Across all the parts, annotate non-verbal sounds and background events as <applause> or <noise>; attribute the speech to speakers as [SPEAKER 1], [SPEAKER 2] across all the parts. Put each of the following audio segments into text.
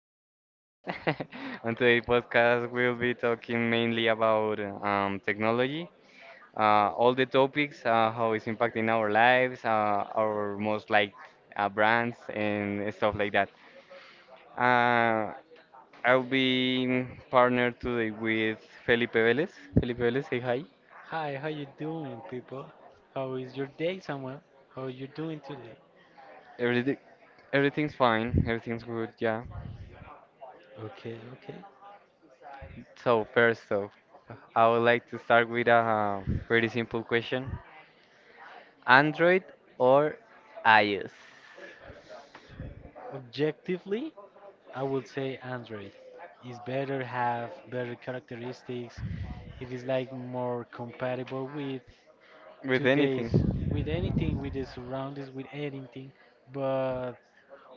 [SPEAKER 1] our podcast. <laughs> On today's podcast, we'll be talking mainly about technology, all the topics, how it's impacting our lives, our most liked brands, and stuff like that. Uh, I'll be partnered today with Felipe Velez. Felipe Velez, say hi.
[SPEAKER 2] Hi, how you doing, people? How is your day, Samuel? How are you doing today?
[SPEAKER 1] Everything, everything's fine, everything's good, yeah.
[SPEAKER 2] Okay, okay.
[SPEAKER 1] So first off, I would like to start with a pretty simple question. Android or iOS?
[SPEAKER 2] Objectively, I would say Android is better, have better characteristics. It is like more compatible with
[SPEAKER 1] With anything.
[SPEAKER 2] today's, with anything, with the surroundings, with anything. But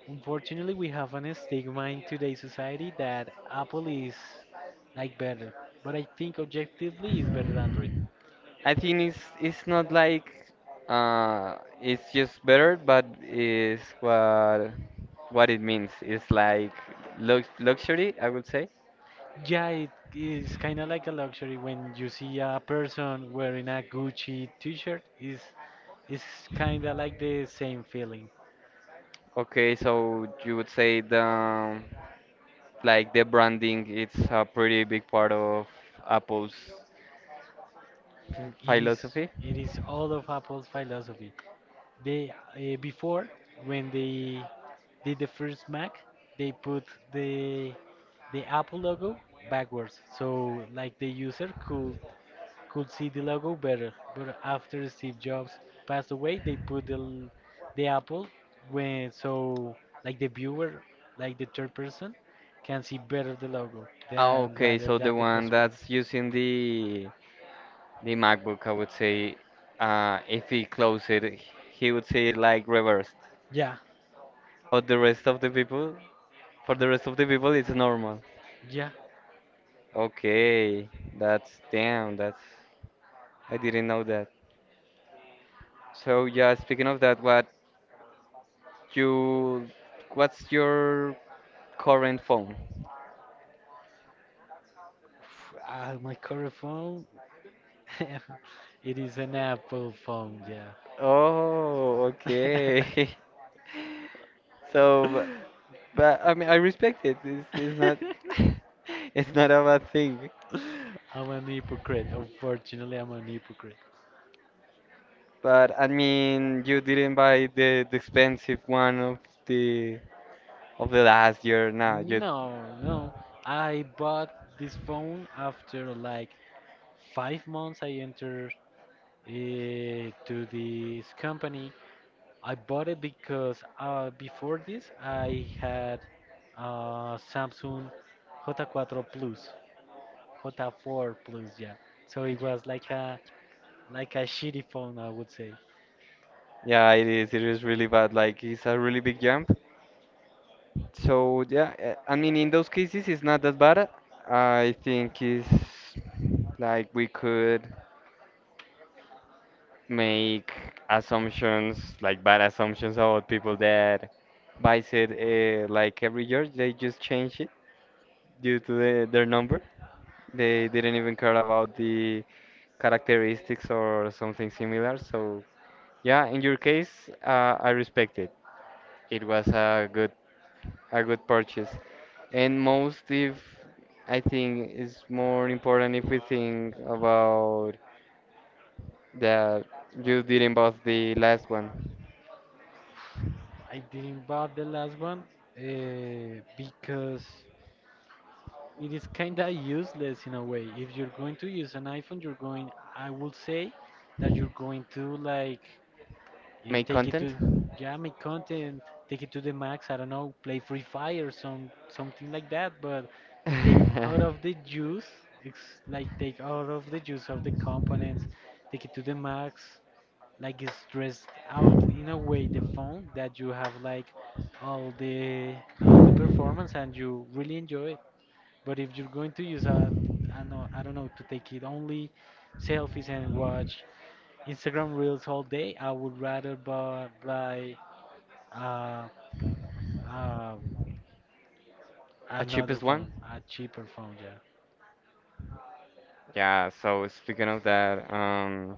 [SPEAKER 2] unfortunately, we have an stigma in today's society that Apple is like better. But I think objectively, is better Android.
[SPEAKER 1] I think it's not like it's just better, but is what it means. It's like luxury, I would say.
[SPEAKER 2] Yeah, it is kind of like a luxury when you see a person wearing a Gucci t-shirt. Is it's kind of like the same feeling.
[SPEAKER 1] Okay, so you would say the like the branding it's a pretty big part of Apple's
[SPEAKER 2] It is
[SPEAKER 1] philosophy.
[SPEAKER 2] it is all of Apple's philosophy. They before when they did the first Mac, they put the the Apple logo backwards, so like the user could see the logo better. But after Steve Jobs passed away, the Apple when so like the viewer, like the third person, can see better the logo
[SPEAKER 1] Oh,
[SPEAKER 2] than
[SPEAKER 1] okay,
[SPEAKER 2] rather
[SPEAKER 1] so the
[SPEAKER 2] than the
[SPEAKER 1] one
[SPEAKER 2] customer.
[SPEAKER 1] that's using the MacBook, I would say, if he closed it, he would say it like reversed.
[SPEAKER 2] Yeah,
[SPEAKER 1] But the rest of the people, for the rest of the people, it's normal.
[SPEAKER 2] yeah.
[SPEAKER 1] Okay, that's I didn't know that. So yeah, speaking of that, you, what's your current phone?
[SPEAKER 2] My current phone, <laughs> it is an Apple phone. Yeah. <laughs>
[SPEAKER 1] Oh, okay. <laughs> So but I mean, I respect it. It's not <laughs> it's not a bad thing.
[SPEAKER 2] I'm an hypocrite. Unfortunately, I'm an hypocrite.
[SPEAKER 1] But I mean, you didn't buy the expensive one the of the last year. Nah, you
[SPEAKER 2] No, no. I bought this phone after like 5 months I entered to this company. I bought it because before this I had Samsung J4 Plus, J4 Plus, yeah. So it was like a shitty phone, I would say.
[SPEAKER 1] yeah, it is. It is really bad. Like it's a really big jump. So yeah, I mean, in those cases, it's not that bad. I think it's like we could make assumptions, like bad assumptions about people that buys it like every year. They just change it due to their number. They didn't even care about the characteristics or something similar. So yeah, in your case, I respect it. It was a good purchase. And most if I think it's more important if we think about that you didn't bought the last one.
[SPEAKER 2] I didn't buy the last one because it is kind of useless in a way. If you're going to use an iPhone, I would say that you're going to like
[SPEAKER 1] Make
[SPEAKER 2] take it
[SPEAKER 1] content.
[SPEAKER 2] to, yeah, make content, take it to the max. I don't know, play Free Fire, something like that. But take
[SPEAKER 1] <laughs> a
[SPEAKER 2] out of the juice, like take out of the juice of the components, take it to the max. Like it's stressed out in a way the phone that you have like all the all the performance and you really enjoy it. But if you're going to use a, I know, I don't know, to take it only selfies and watch Instagram Reels all day, I would rather buy uh, uh, another
[SPEAKER 1] cheapest one.
[SPEAKER 2] phone, a cheaper phone, yeah.
[SPEAKER 1] Yeah, so speaking of that,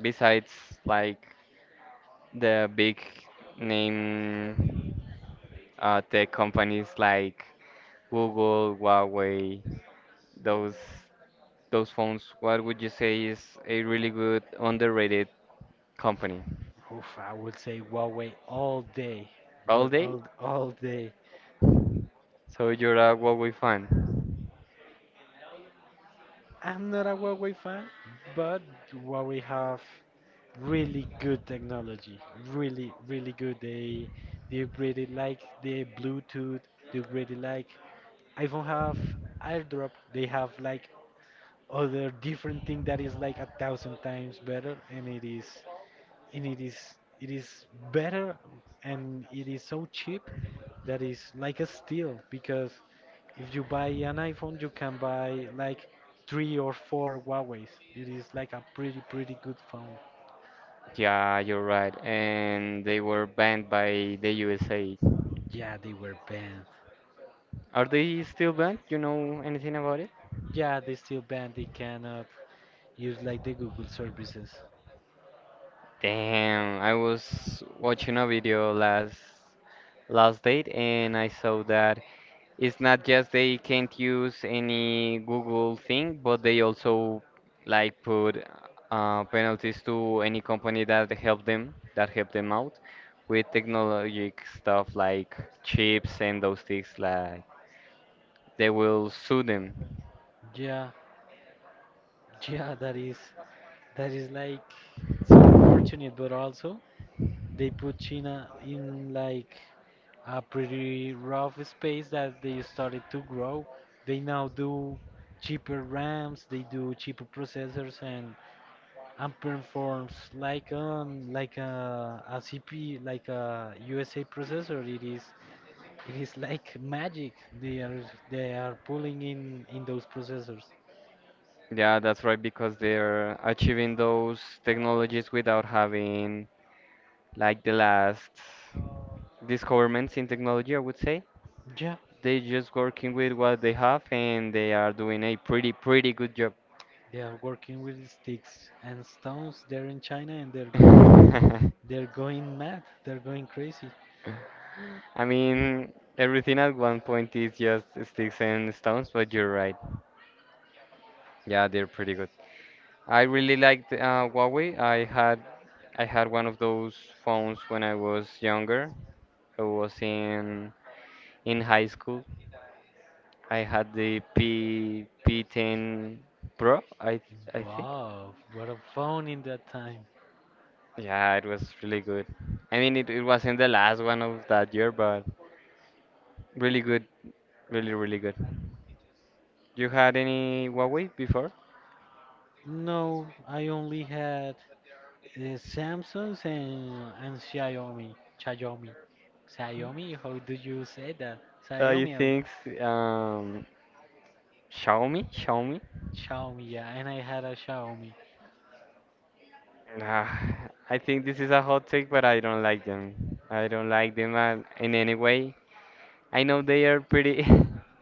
[SPEAKER 1] besides like the big name tech companies like Google, Huawei, those those phones, what would you say is a really good underrated company?
[SPEAKER 2] Oof, I would say Huawei all day,
[SPEAKER 1] All
[SPEAKER 2] but
[SPEAKER 1] day?
[SPEAKER 2] all day.
[SPEAKER 1] So you're a Huawei fan?
[SPEAKER 2] I'm not a Huawei fan, but Huawei have really good technology, really, really good. They upgraded like the Bluetooth, they upgraded like iPhone have AirDrop. They have like other different thing that is like a thousand times better, and it is better, and it is so cheap that is like a steal because if you buy an iPhone, you can buy like three or four Huawei's. It is like a pretty good phone.
[SPEAKER 1] Yeah, you're right. And they were banned by the USA.
[SPEAKER 2] Yeah, they were banned.
[SPEAKER 1] Are they still banned? You know anything about it?
[SPEAKER 2] Yeah, they still banned. They cannot use like the Google services.
[SPEAKER 1] Damn, I was watching a video last last date and I saw that it's not just they can't use any Google thing, but they also like put penalties to any company that help them out with technologic stuff like chips and those things like they will sue them.
[SPEAKER 2] Yeah, <laughs> yeah, that is. That is like so unfortunate, but also they put China in like a pretty rough space that they started to grow. They now do cheaper RAMs, they do cheaper processors, and performs like on like a, a CP like a USA processor. It is like magic. They are they are pulling in those processors.
[SPEAKER 1] Yeah, that's right, because they're achieving those technologies without having like the last discoveries in technology, I would say.
[SPEAKER 2] Yeah.
[SPEAKER 1] They're just working with what they have and they are doing a pretty, pretty good job.
[SPEAKER 2] They are working with sticks and stones. They're in China and they're going mad. They're going crazy.
[SPEAKER 1] <laughs> I mean, everything at one point is just sticks and stones, but you're right. Yeah, they're pretty good. I really liked Huawei. I had one of those phones when I was younger. I was in high school. I had the P P10 Pro, I think.
[SPEAKER 2] Wow, what a phone in that time.
[SPEAKER 1] Yeah, it was really good. I mean, it wasn't the last one of that year, but really good, really, really good. You had any Huawei before?
[SPEAKER 2] No, I only had Samsung's and Xiaomi. Xiaomi. Xiaomi, how do you say that?
[SPEAKER 1] You
[SPEAKER 2] Xiaomi or
[SPEAKER 1] think um, Xiaomi? Xiaomi?
[SPEAKER 2] Xiaomi, yeah, and I had a Xiaomi.
[SPEAKER 1] Nah, I think this is a hot take, but I don't like them. I don't like them in any way. I know they are pretty.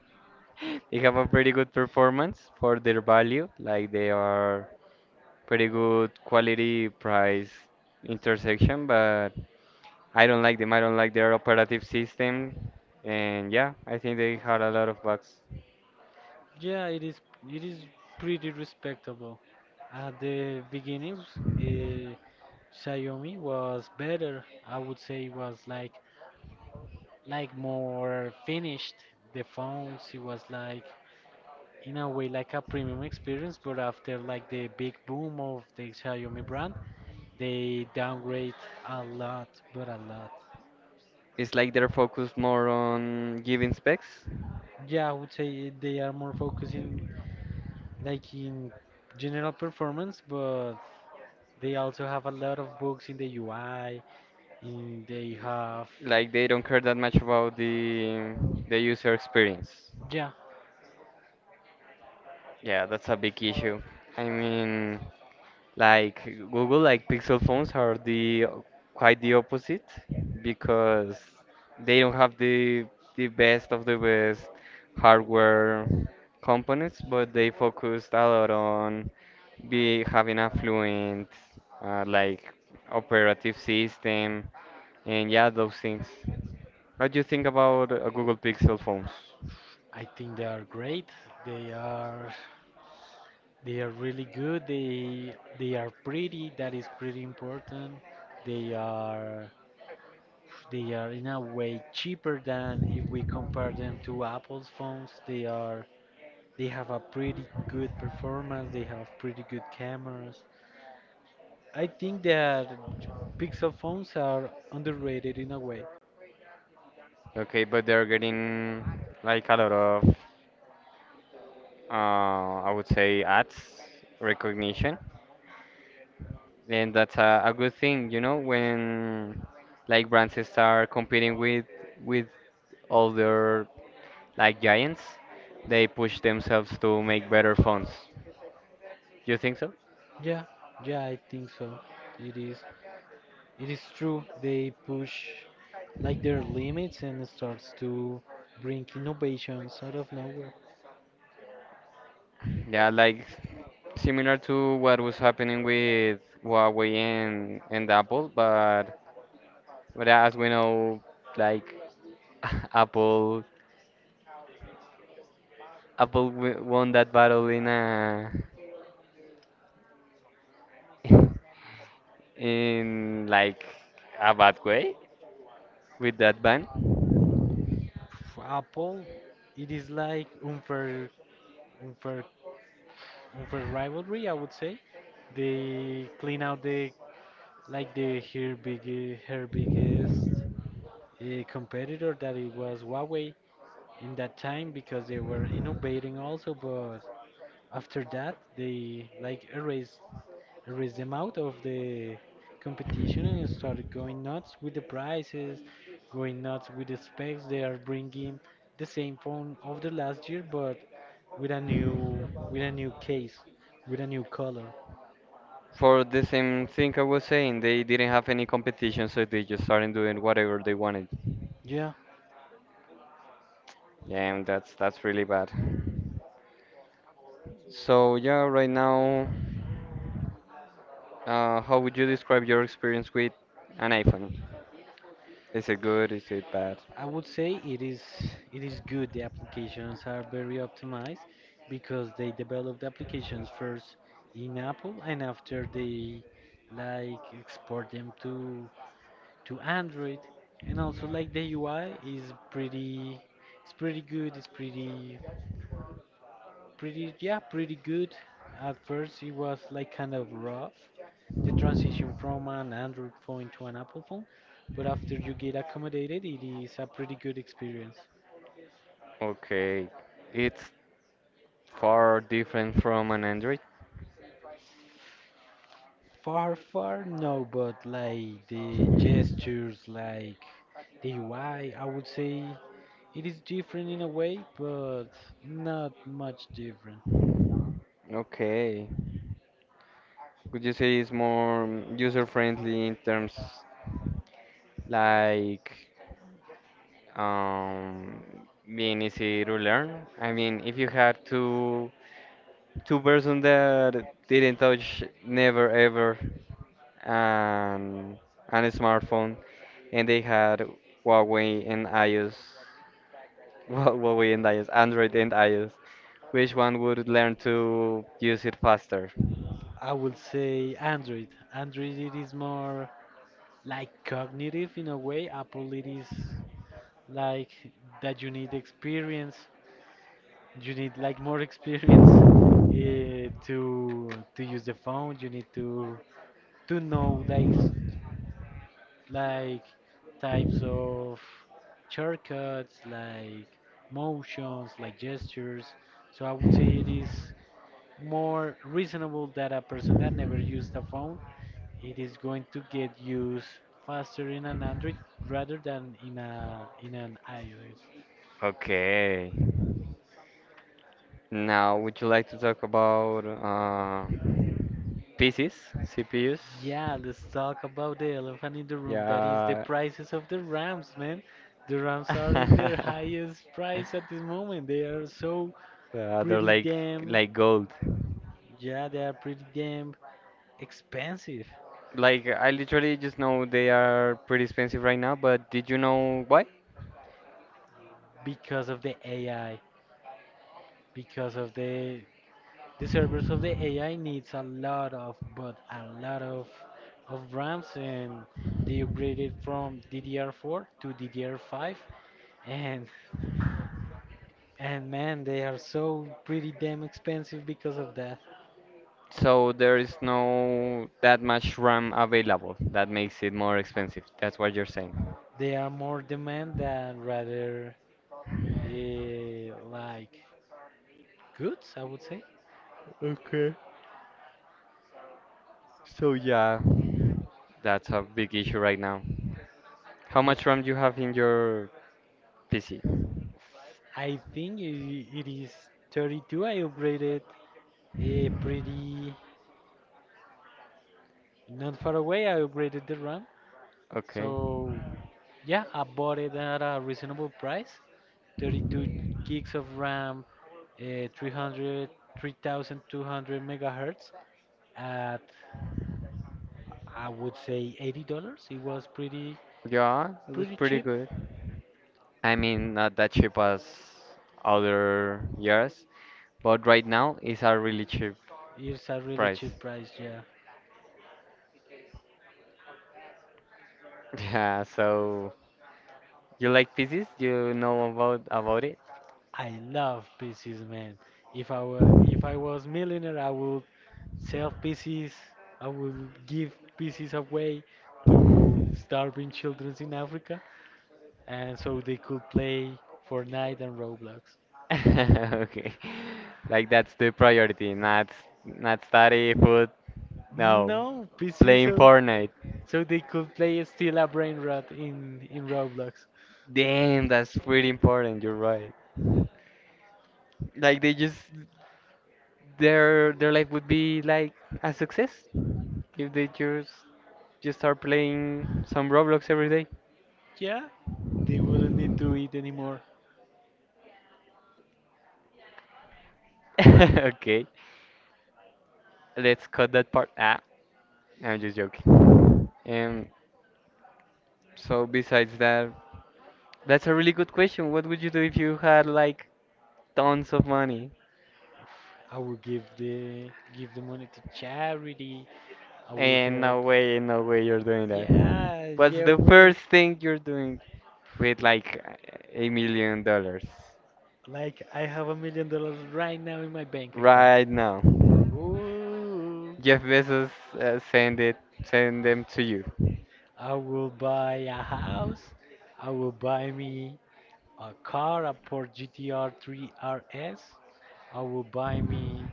[SPEAKER 1] <laughs> they have a pretty good performance for their value. Like they are pretty good quality price intersection, but. I don't like them. I don't like their operative system. And yeah, I think they had a lot of bugs.
[SPEAKER 2] Yeah, it is pretty respectable. At the beginnings, uh, Xiaomi was better. I would say it was like more finished. The phones, it was like in a way like a premium experience, but after like the big boom of the Xiaomi brand, they downgrade a lot, but a lot.
[SPEAKER 1] It's like they're focused more on giving specs.
[SPEAKER 2] Yeah, I would say they are more focusing like in general performance, but they also have a lot of bugs in the UI. In they have
[SPEAKER 1] Like they don't care that much about the user experience.
[SPEAKER 2] Yeah,
[SPEAKER 1] Yeah, that's a big issue. I mean, like Google, like Pixel phones are the quite the opposite because they don't have the best of the best hardware components, but they focused a lot on be having a fluent like operative system and yeah, those things. What do you think about Google Pixel phones?
[SPEAKER 2] I think they are great. They are. They are really good. They are pretty. That is pretty important. They are they are in a way cheaper than if we compare them to Apple's phones. They have a pretty good performance. They have pretty good cameras. I think that Pixel phones are underrated in a way.
[SPEAKER 1] Okay, but they're getting like a lot of uh, I would say ads recognition, and that's a good thing, you know, when like brands start competing with other like giants, they push themselves to make better phones. You think so?
[SPEAKER 2] Yeah, yeah, I think so. It is. It is true they push like their limits and starts to bring innovations out of nowhere.
[SPEAKER 1] Yeah, like similar to what was happening with Huawei and Apple, but as we know, like <laughs> Apple Apple won that battle in a <laughs> in like a bad way with that band.
[SPEAKER 2] For Apple, it is like unfair, unfair rivalry. I would say they clean out the like the her big her biggest competitor that it was Huawei in that time because they were innovating also, but after that they like erased I raised them out of the competition and started going nuts with the prices, going nuts with the specs. They are bringing the same phone of the last year, but with a new case, with a new color.
[SPEAKER 1] For the same thing I was saying, they didn't have any competition, so they just started doing whatever they wanted.
[SPEAKER 2] Yeah,
[SPEAKER 1] Yeah, and that's really bad. So yeah, right now, how would you describe your experience with an iPhone? Is it good? Is it bad?
[SPEAKER 2] I would say it is good. The applications are very optimized because they developed applications first in Apple and after they like export them to Android, and also like the UI is pretty, it's pretty good. It's pretty good. At first, it was like kind of rough, the transition from an Android phone to an Apple phone, but after you get accommodated, it is a pretty good experience.
[SPEAKER 1] Okay, it's far different from an Android.
[SPEAKER 2] Far, far, no, but like the gestures, like the UI, I would say it is different in a way, but not much different.
[SPEAKER 1] Okay. Would you say it's more user friendly in terms like um, being easy to learn. I mean, if you had two person that didn't touch never ever an an smartphone, and they had Huawei and iOS, <laughs> Huawei and iOS, Android and iOS, which one would learn to use it faster?
[SPEAKER 2] I would say Android. Android it is more like cognitive in a way. Apple it is like that you need experience. You need like more <laughs> experience to use the phone. You need to know like types of shortcuts, like motions, like gestures. So I would say it is more reasonable that a person that never used a phone, it is going to get used faster in an Android rather than in an iOS.
[SPEAKER 1] Okay. Now, would you like to talk about PCs, CPUs?
[SPEAKER 2] Yeah, let's talk about the elephant in the room. That is the
[SPEAKER 1] Yeah.
[SPEAKER 2] prices of the Rams, man. The Rams are in their
[SPEAKER 1] <laughs>
[SPEAKER 2] highest price at this moment. They are so
[SPEAKER 1] Yeah, they're
[SPEAKER 2] pretty damn—
[SPEAKER 1] like gold.
[SPEAKER 2] Yeah, they are pretty damn expensive
[SPEAKER 1] Like I literally just know they are pretty expensive right now, but did you know why?
[SPEAKER 2] because of the AI, because of the servers of the AI needs a lot of RAMs and they upgraded from DDR4 to DDR5, and and man they are so pretty damn expensive because of that.
[SPEAKER 1] So there is no that much RAM available. That makes it more expensive. That's what you're saying.
[SPEAKER 2] They are more demand than rather uh, like goods I would say.
[SPEAKER 1] So yeah, that's a big issue right now. How
[SPEAKER 2] If
[SPEAKER 1] much RAM do you have in your PC?
[SPEAKER 2] I think it is 32. I upgraded a pretty not far away. I upgraded the RAM.
[SPEAKER 1] Okay.
[SPEAKER 2] So yeah, I bought it at a reasonable price. 32 gigs of RAM, 300, 3200 megahertz at I would say $80. It was
[SPEAKER 1] Yeah, it was
[SPEAKER 2] pretty
[SPEAKER 1] pretty
[SPEAKER 2] cheap.
[SPEAKER 1] good. I mean, not that cheap as other years, but right now it's a really cheap
[SPEAKER 2] It's a really
[SPEAKER 1] price.
[SPEAKER 2] cheap price, yeah.
[SPEAKER 1] <laughs> Yeah, so you like pieces? You know about it?
[SPEAKER 2] I love PCs, man. If I was millionaire, I would sell PCs. I would give PCs away to starving children in Africa, and so they could play Fortnite and Roblox.
[SPEAKER 1] <laughs> Okay. Like that's the priority, not not study, food, no.
[SPEAKER 2] No PCs,
[SPEAKER 1] Playing Fortnite.
[SPEAKER 2] so they could play still a brain rot in Roblox.
[SPEAKER 1] Damn, that's pretty important, you're right. Like they just their life would be like a success if they just start playing some Roblox every day.
[SPEAKER 2] Yeah, they wouldn't need to eat anymore.
[SPEAKER 1] <laughs> Okay. Let's cut that part. Ah. No, I'm just joking. So besides that, that's a really good question. What would you do if you had like tons of money?
[SPEAKER 2] I will give the money to charity. I will
[SPEAKER 1] And no
[SPEAKER 2] help.
[SPEAKER 1] way, no way you're doing that.
[SPEAKER 2] Yeah,
[SPEAKER 1] What's
[SPEAKER 2] yeah,
[SPEAKER 1] the
[SPEAKER 2] wait.
[SPEAKER 1] first thing you're doing with like $1 million
[SPEAKER 2] Like I have $1 million right now in my bank account.
[SPEAKER 1] right now?
[SPEAKER 2] Ooh.
[SPEAKER 1] Jeff Bezos uh, send it, send them to you.
[SPEAKER 2] I will buy a house. I will buy me a car, a Ford GTR 3 RS. I will buy me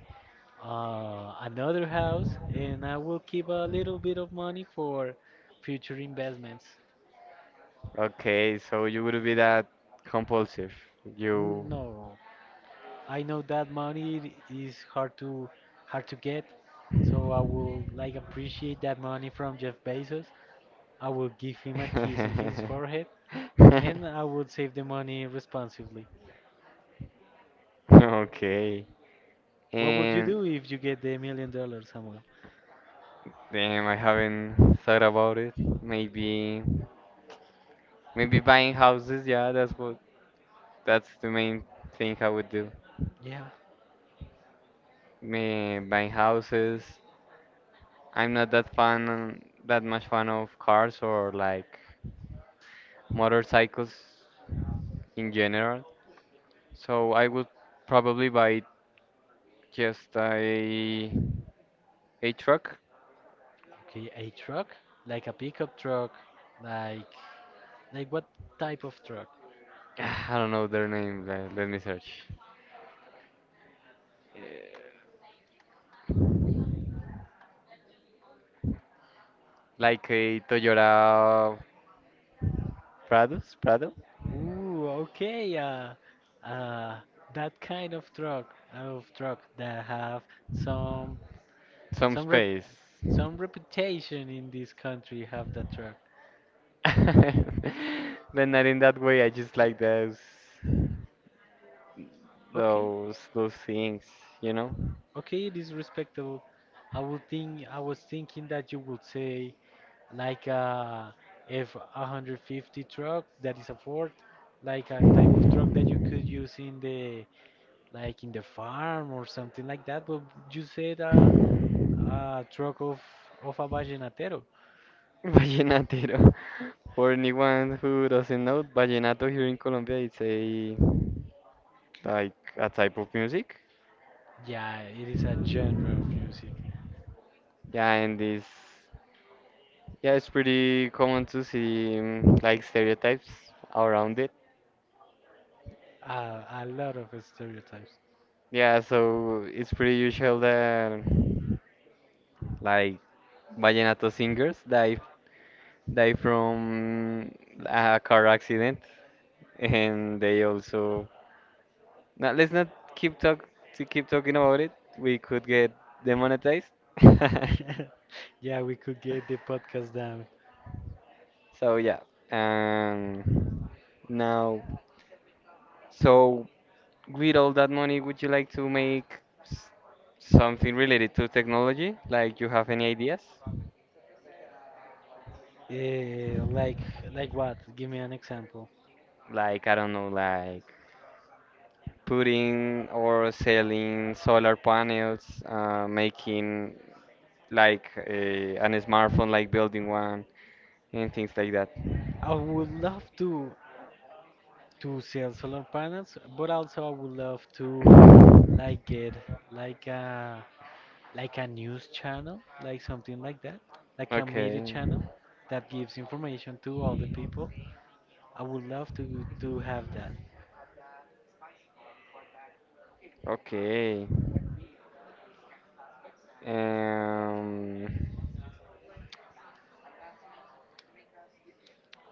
[SPEAKER 2] another house, and I will keep a little bit of money for future investments.
[SPEAKER 1] Okay, so you would be that compulsive. You.
[SPEAKER 2] No, I know that money is hard to get, so I will like appreciate that money from Jeff Bezos. I will give him a kiss in his
[SPEAKER 1] <laughs>
[SPEAKER 2] forehead, and I would save the money responsibly.
[SPEAKER 1] Okay.
[SPEAKER 2] What would you
[SPEAKER 1] And
[SPEAKER 2] do if you get the $1 million, Samuel?
[SPEAKER 1] damn, I haven't thought about it. Maybe, maybe buying houses. Yeah, that's what. That's the main thing I would do.
[SPEAKER 2] Yeah,
[SPEAKER 1] Me buying houses. I'm not that fan, that much fan of cars or like motorcycles in general. So I would probably buy just a truck.
[SPEAKER 2] okay, a truck, like a pickup truck, like like what type of truck?
[SPEAKER 1] <sighs> I don't know their name. Let me search. Like a Toyota Prado,
[SPEAKER 2] Ooh, okay, uh, that kind of truck, that have some
[SPEAKER 1] some
[SPEAKER 2] some rep—
[SPEAKER 1] space.
[SPEAKER 2] Some reputation in this country have that truck.
[SPEAKER 1] <laughs> But not in that way. I just like
[SPEAKER 2] Okay,
[SPEAKER 1] those things, you know.
[SPEAKER 2] okay, it is respectable. I was thinking that you would say like a F 150 truck that is a Ford, like a type of truck that you could use in the in the farm or something like that. But you said a truck of a vallenatero.
[SPEAKER 1] <laughs> Vallenatero. For anyone who doesn't know, vallenato here in Colombia, it's a like a type of music.
[SPEAKER 2] Yeah, it is a genre of music.
[SPEAKER 1] Yeah, and this, yeah, it's pretty common to see mm, like stereotypes around it.
[SPEAKER 2] A lot of stereotypes.
[SPEAKER 1] Yeah, so it's pretty usual that like vallenato singers die die from a car accident, and they also. Now let's not keep talk to keep talking about it. We could get demonetized. <laughs>
[SPEAKER 2] <laughs> Yeah, we could get the podcast down.
[SPEAKER 1] So yeah, um, now, so with all that money, would you like to make something related to technology? Like, you have any ideas?
[SPEAKER 2] Eh, like what? Give me an example.
[SPEAKER 1] Like, I don't know, like putting or selling solar panels, making like an smartphone, like building one and things like that.
[SPEAKER 2] I would love to sell solar panels, but also I would love to like get like a like a news channel, like something like that, like a media
[SPEAKER 1] Okay,
[SPEAKER 2] channel that gives information to all the people. I would love to have that.
[SPEAKER 1] okay, um,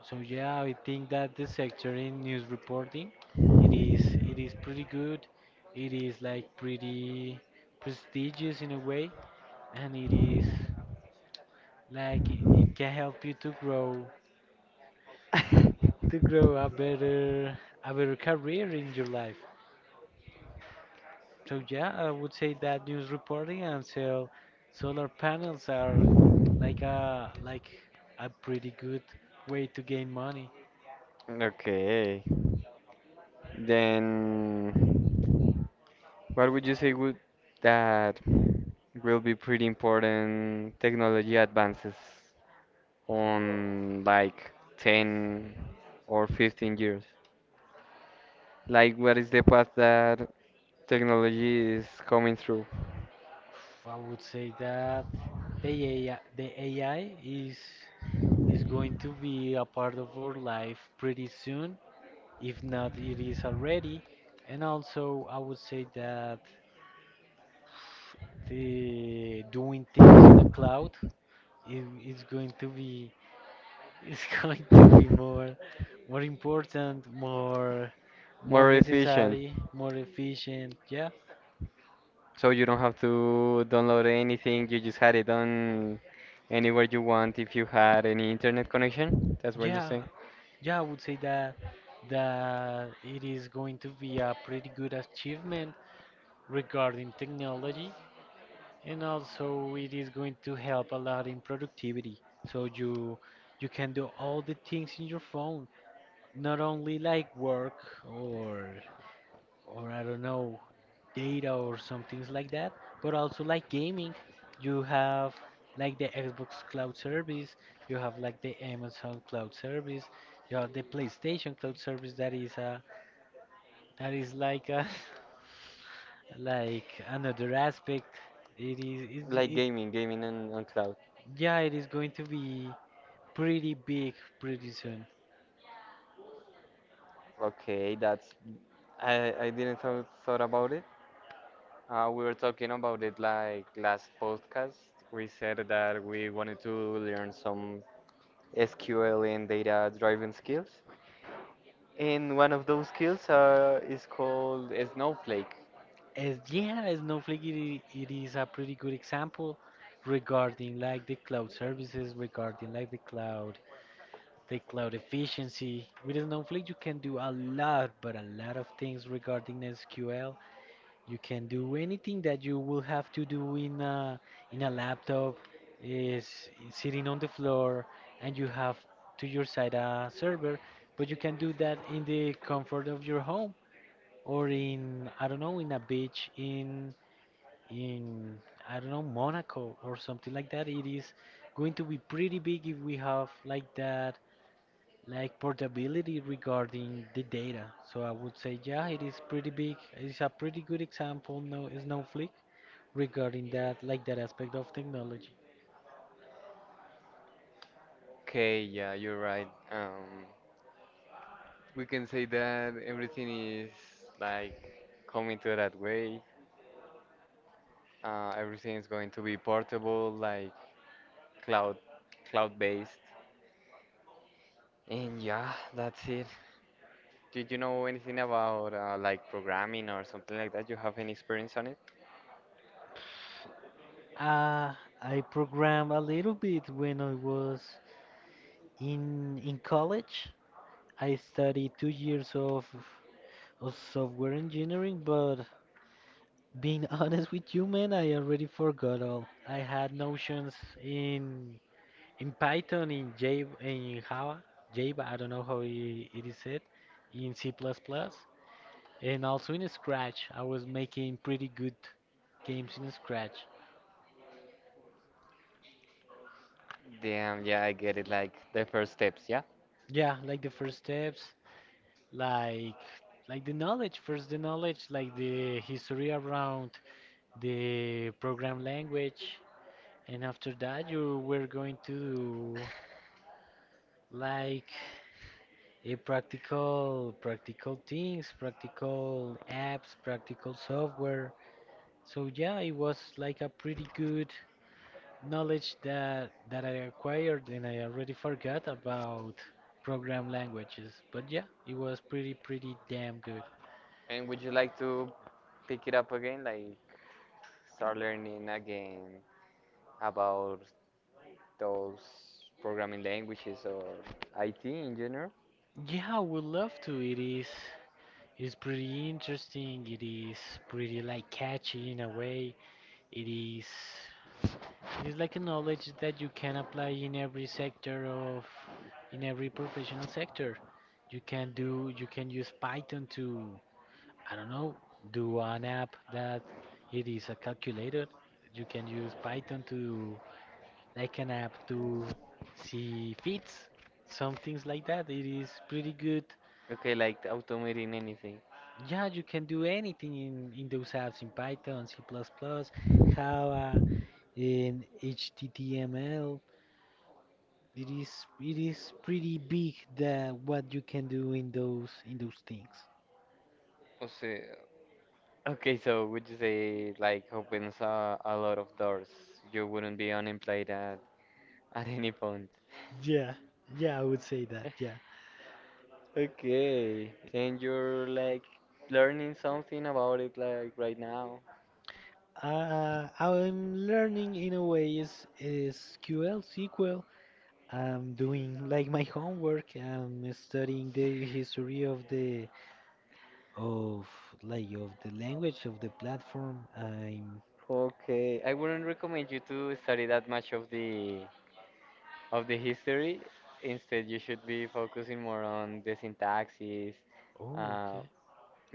[SPEAKER 2] So yeah, I think that the sector in news reporting, it is pretty good. It is like pretty prestigious in a way, and it is like it can help you to grow a better career in your life. So yeah, I would say that news reporting and sell solar panels are like a pretty good way to gain money.
[SPEAKER 1] <laughs> okay. Then, what would you say would that will be pretty important technology advances
[SPEAKER 2] Whoa.
[SPEAKER 1] on like 10 or 15 years? Like, what is the path that technology is coming through?
[SPEAKER 2] I would say that the AI, the AI is going to be a part of our life pretty soon, if not it is already. And also, I would say that the doing things in the cloud is going to be is <laughs> going to be more more important, more more
[SPEAKER 1] More efficient.
[SPEAKER 2] necessary, more efficient. Yeah,
[SPEAKER 1] So you don't have to download anything, you just had it on anywhere you want if you had any internet connection. That's what you're
[SPEAKER 2] yeah.
[SPEAKER 1] saying.
[SPEAKER 2] Yeah, I would say that it is going to be a pretty good achievement regarding technology, and also it is going to help a lot in productivity. So you can do all the things in your phone, not only like work or or I don't know, data or some things like that. But also like gaming, you have like the Xbox Cloud Service, you have like the Amazon Cloud Service, you have the PlayStation Cloud Service that is a that is like a <laughs> like another aspect. It is it,
[SPEAKER 1] Like
[SPEAKER 2] it
[SPEAKER 1] gaming on cloud.
[SPEAKER 2] yeah, it is going to be pretty big pretty soon.
[SPEAKER 1] Okay, that's I didn't thought about it. We were talking about it like last podcast. We said that we wanted to learn some SQL and data driving skills. And one of those skills is called Snowflake.
[SPEAKER 2] As yeah, Snowflake, it is a pretty good example regarding like the cloud services, regarding like the cloud efficiency. With Snowflake you can do a lot, but a lot of things regarding SQL. You can do anything that you will have to do in a laptop, is sitting on the floor, and you have to your side a server, but you can do that in the comfort of your home or in I don't know in a beach in I don't know Monaco or something like that. It is going to be pretty big if we have like that like portability regarding the data. So I would say yeah, it is pretty big. It's a pretty good example, no Snowflake regarding that like that aspect of technology.
[SPEAKER 1] Okay, yeah, you're right. We can say that everything is like coming to that way. Everything is going to be portable, like cloud, cloud-based. And yeah, that's it. Did you know anything about like programming or something like that? You have any experience on it?
[SPEAKER 2] Uh, I programmed a little bit when I was in college. I studied 2 years of software engineering, but being <laughs> honest with you, man, I already forgot all. I had notions in in Python, in Java, Java. I don't know how it is said, in C++, and also in Scratch. I was making pretty good games in Scratch.
[SPEAKER 1] Damn, yeah, I get it. Like the first steps, yeah.
[SPEAKER 2] Yeah, like the first steps, like like the knowledge, first the knowledge, like the history around the program language, and after that you were going to like practical practical things, practical apps, practical software. So yeah, it was like a pretty good knowledge that I acquired, and I already forgot about program languages. But yeah, it was pretty pretty damn good.
[SPEAKER 1] And would you like to pick it up again, like start learning again about those programming languages or IT in general?
[SPEAKER 2] Yeah, I would love to. It is it's pretty interesting. It is pretty like catchy in a way. It is it is like a knowledge that you can apply in every sector of, in every professional sector. You can do, you can use Python to, I don't know, do an app that it is a calculator. You can use Python to, like an app to see fits, some things like that. It is pretty good.
[SPEAKER 1] Okay, like automating anything.
[SPEAKER 2] Yeah, you can do anything in those apps in Python, C++, Java, in HTML. It is pretty big that what you can do in those things.
[SPEAKER 1] O sea, okay, so would you say it, like opens a lot of doors? You wouldn't be unemployed at any point.
[SPEAKER 2] Yeah, yeah, I would say that. Yeah,
[SPEAKER 1] Okay, then you're like learning something about it like right now.
[SPEAKER 2] I'm learning in a way is QL SQL. I'm doing like my homework. I'm studying the history of the of like of the language of the platform. I'm
[SPEAKER 1] Okay, I wouldn't recommend you to study that much of the history. Instead, you should be focusing more on the syntaxes,
[SPEAKER 2] oh,
[SPEAKER 1] uh,
[SPEAKER 2] okay.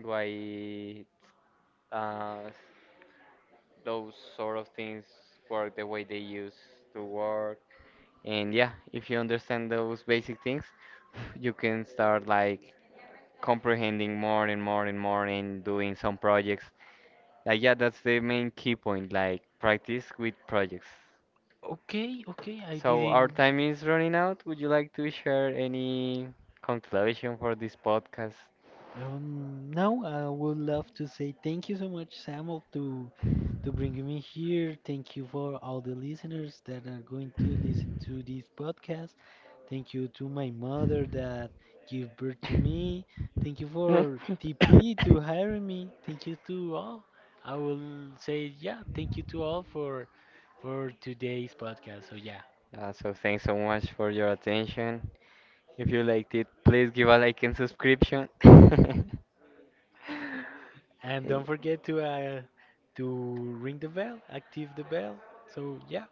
[SPEAKER 1] why uh, those sort of things work the way they used to work. And yeah, if you understand those basic things, <laughs> <sighs> you can start like comprehending more and more and more and doing some projects. Like yeah, that's the main key point, like practice with projects.
[SPEAKER 2] Okay, okay, I
[SPEAKER 1] So our
[SPEAKER 2] didn't.
[SPEAKER 1] time is running out. Would you like to share any conclusion for this podcast? <laughs>
[SPEAKER 2] No, I would love to say thank you so much, Samuel, to bringing me here. Thank you for all the listeners that are going to listen to this podcast. Thank you to my mother that gave birth to me. Thank you for
[SPEAKER 1] <coughs>
[SPEAKER 2] TP to hiring me. Thank you to all. I will say yeah, thank you to all for today's podcast. So yeah,
[SPEAKER 1] Yeah. So thanks so much for your attention. If you liked it, please give a like and subscription. <laughs> <laughs>
[SPEAKER 2] and
[SPEAKER 1] <laughs>
[SPEAKER 2] don't forget to ring the bell, active the bell. So yeah.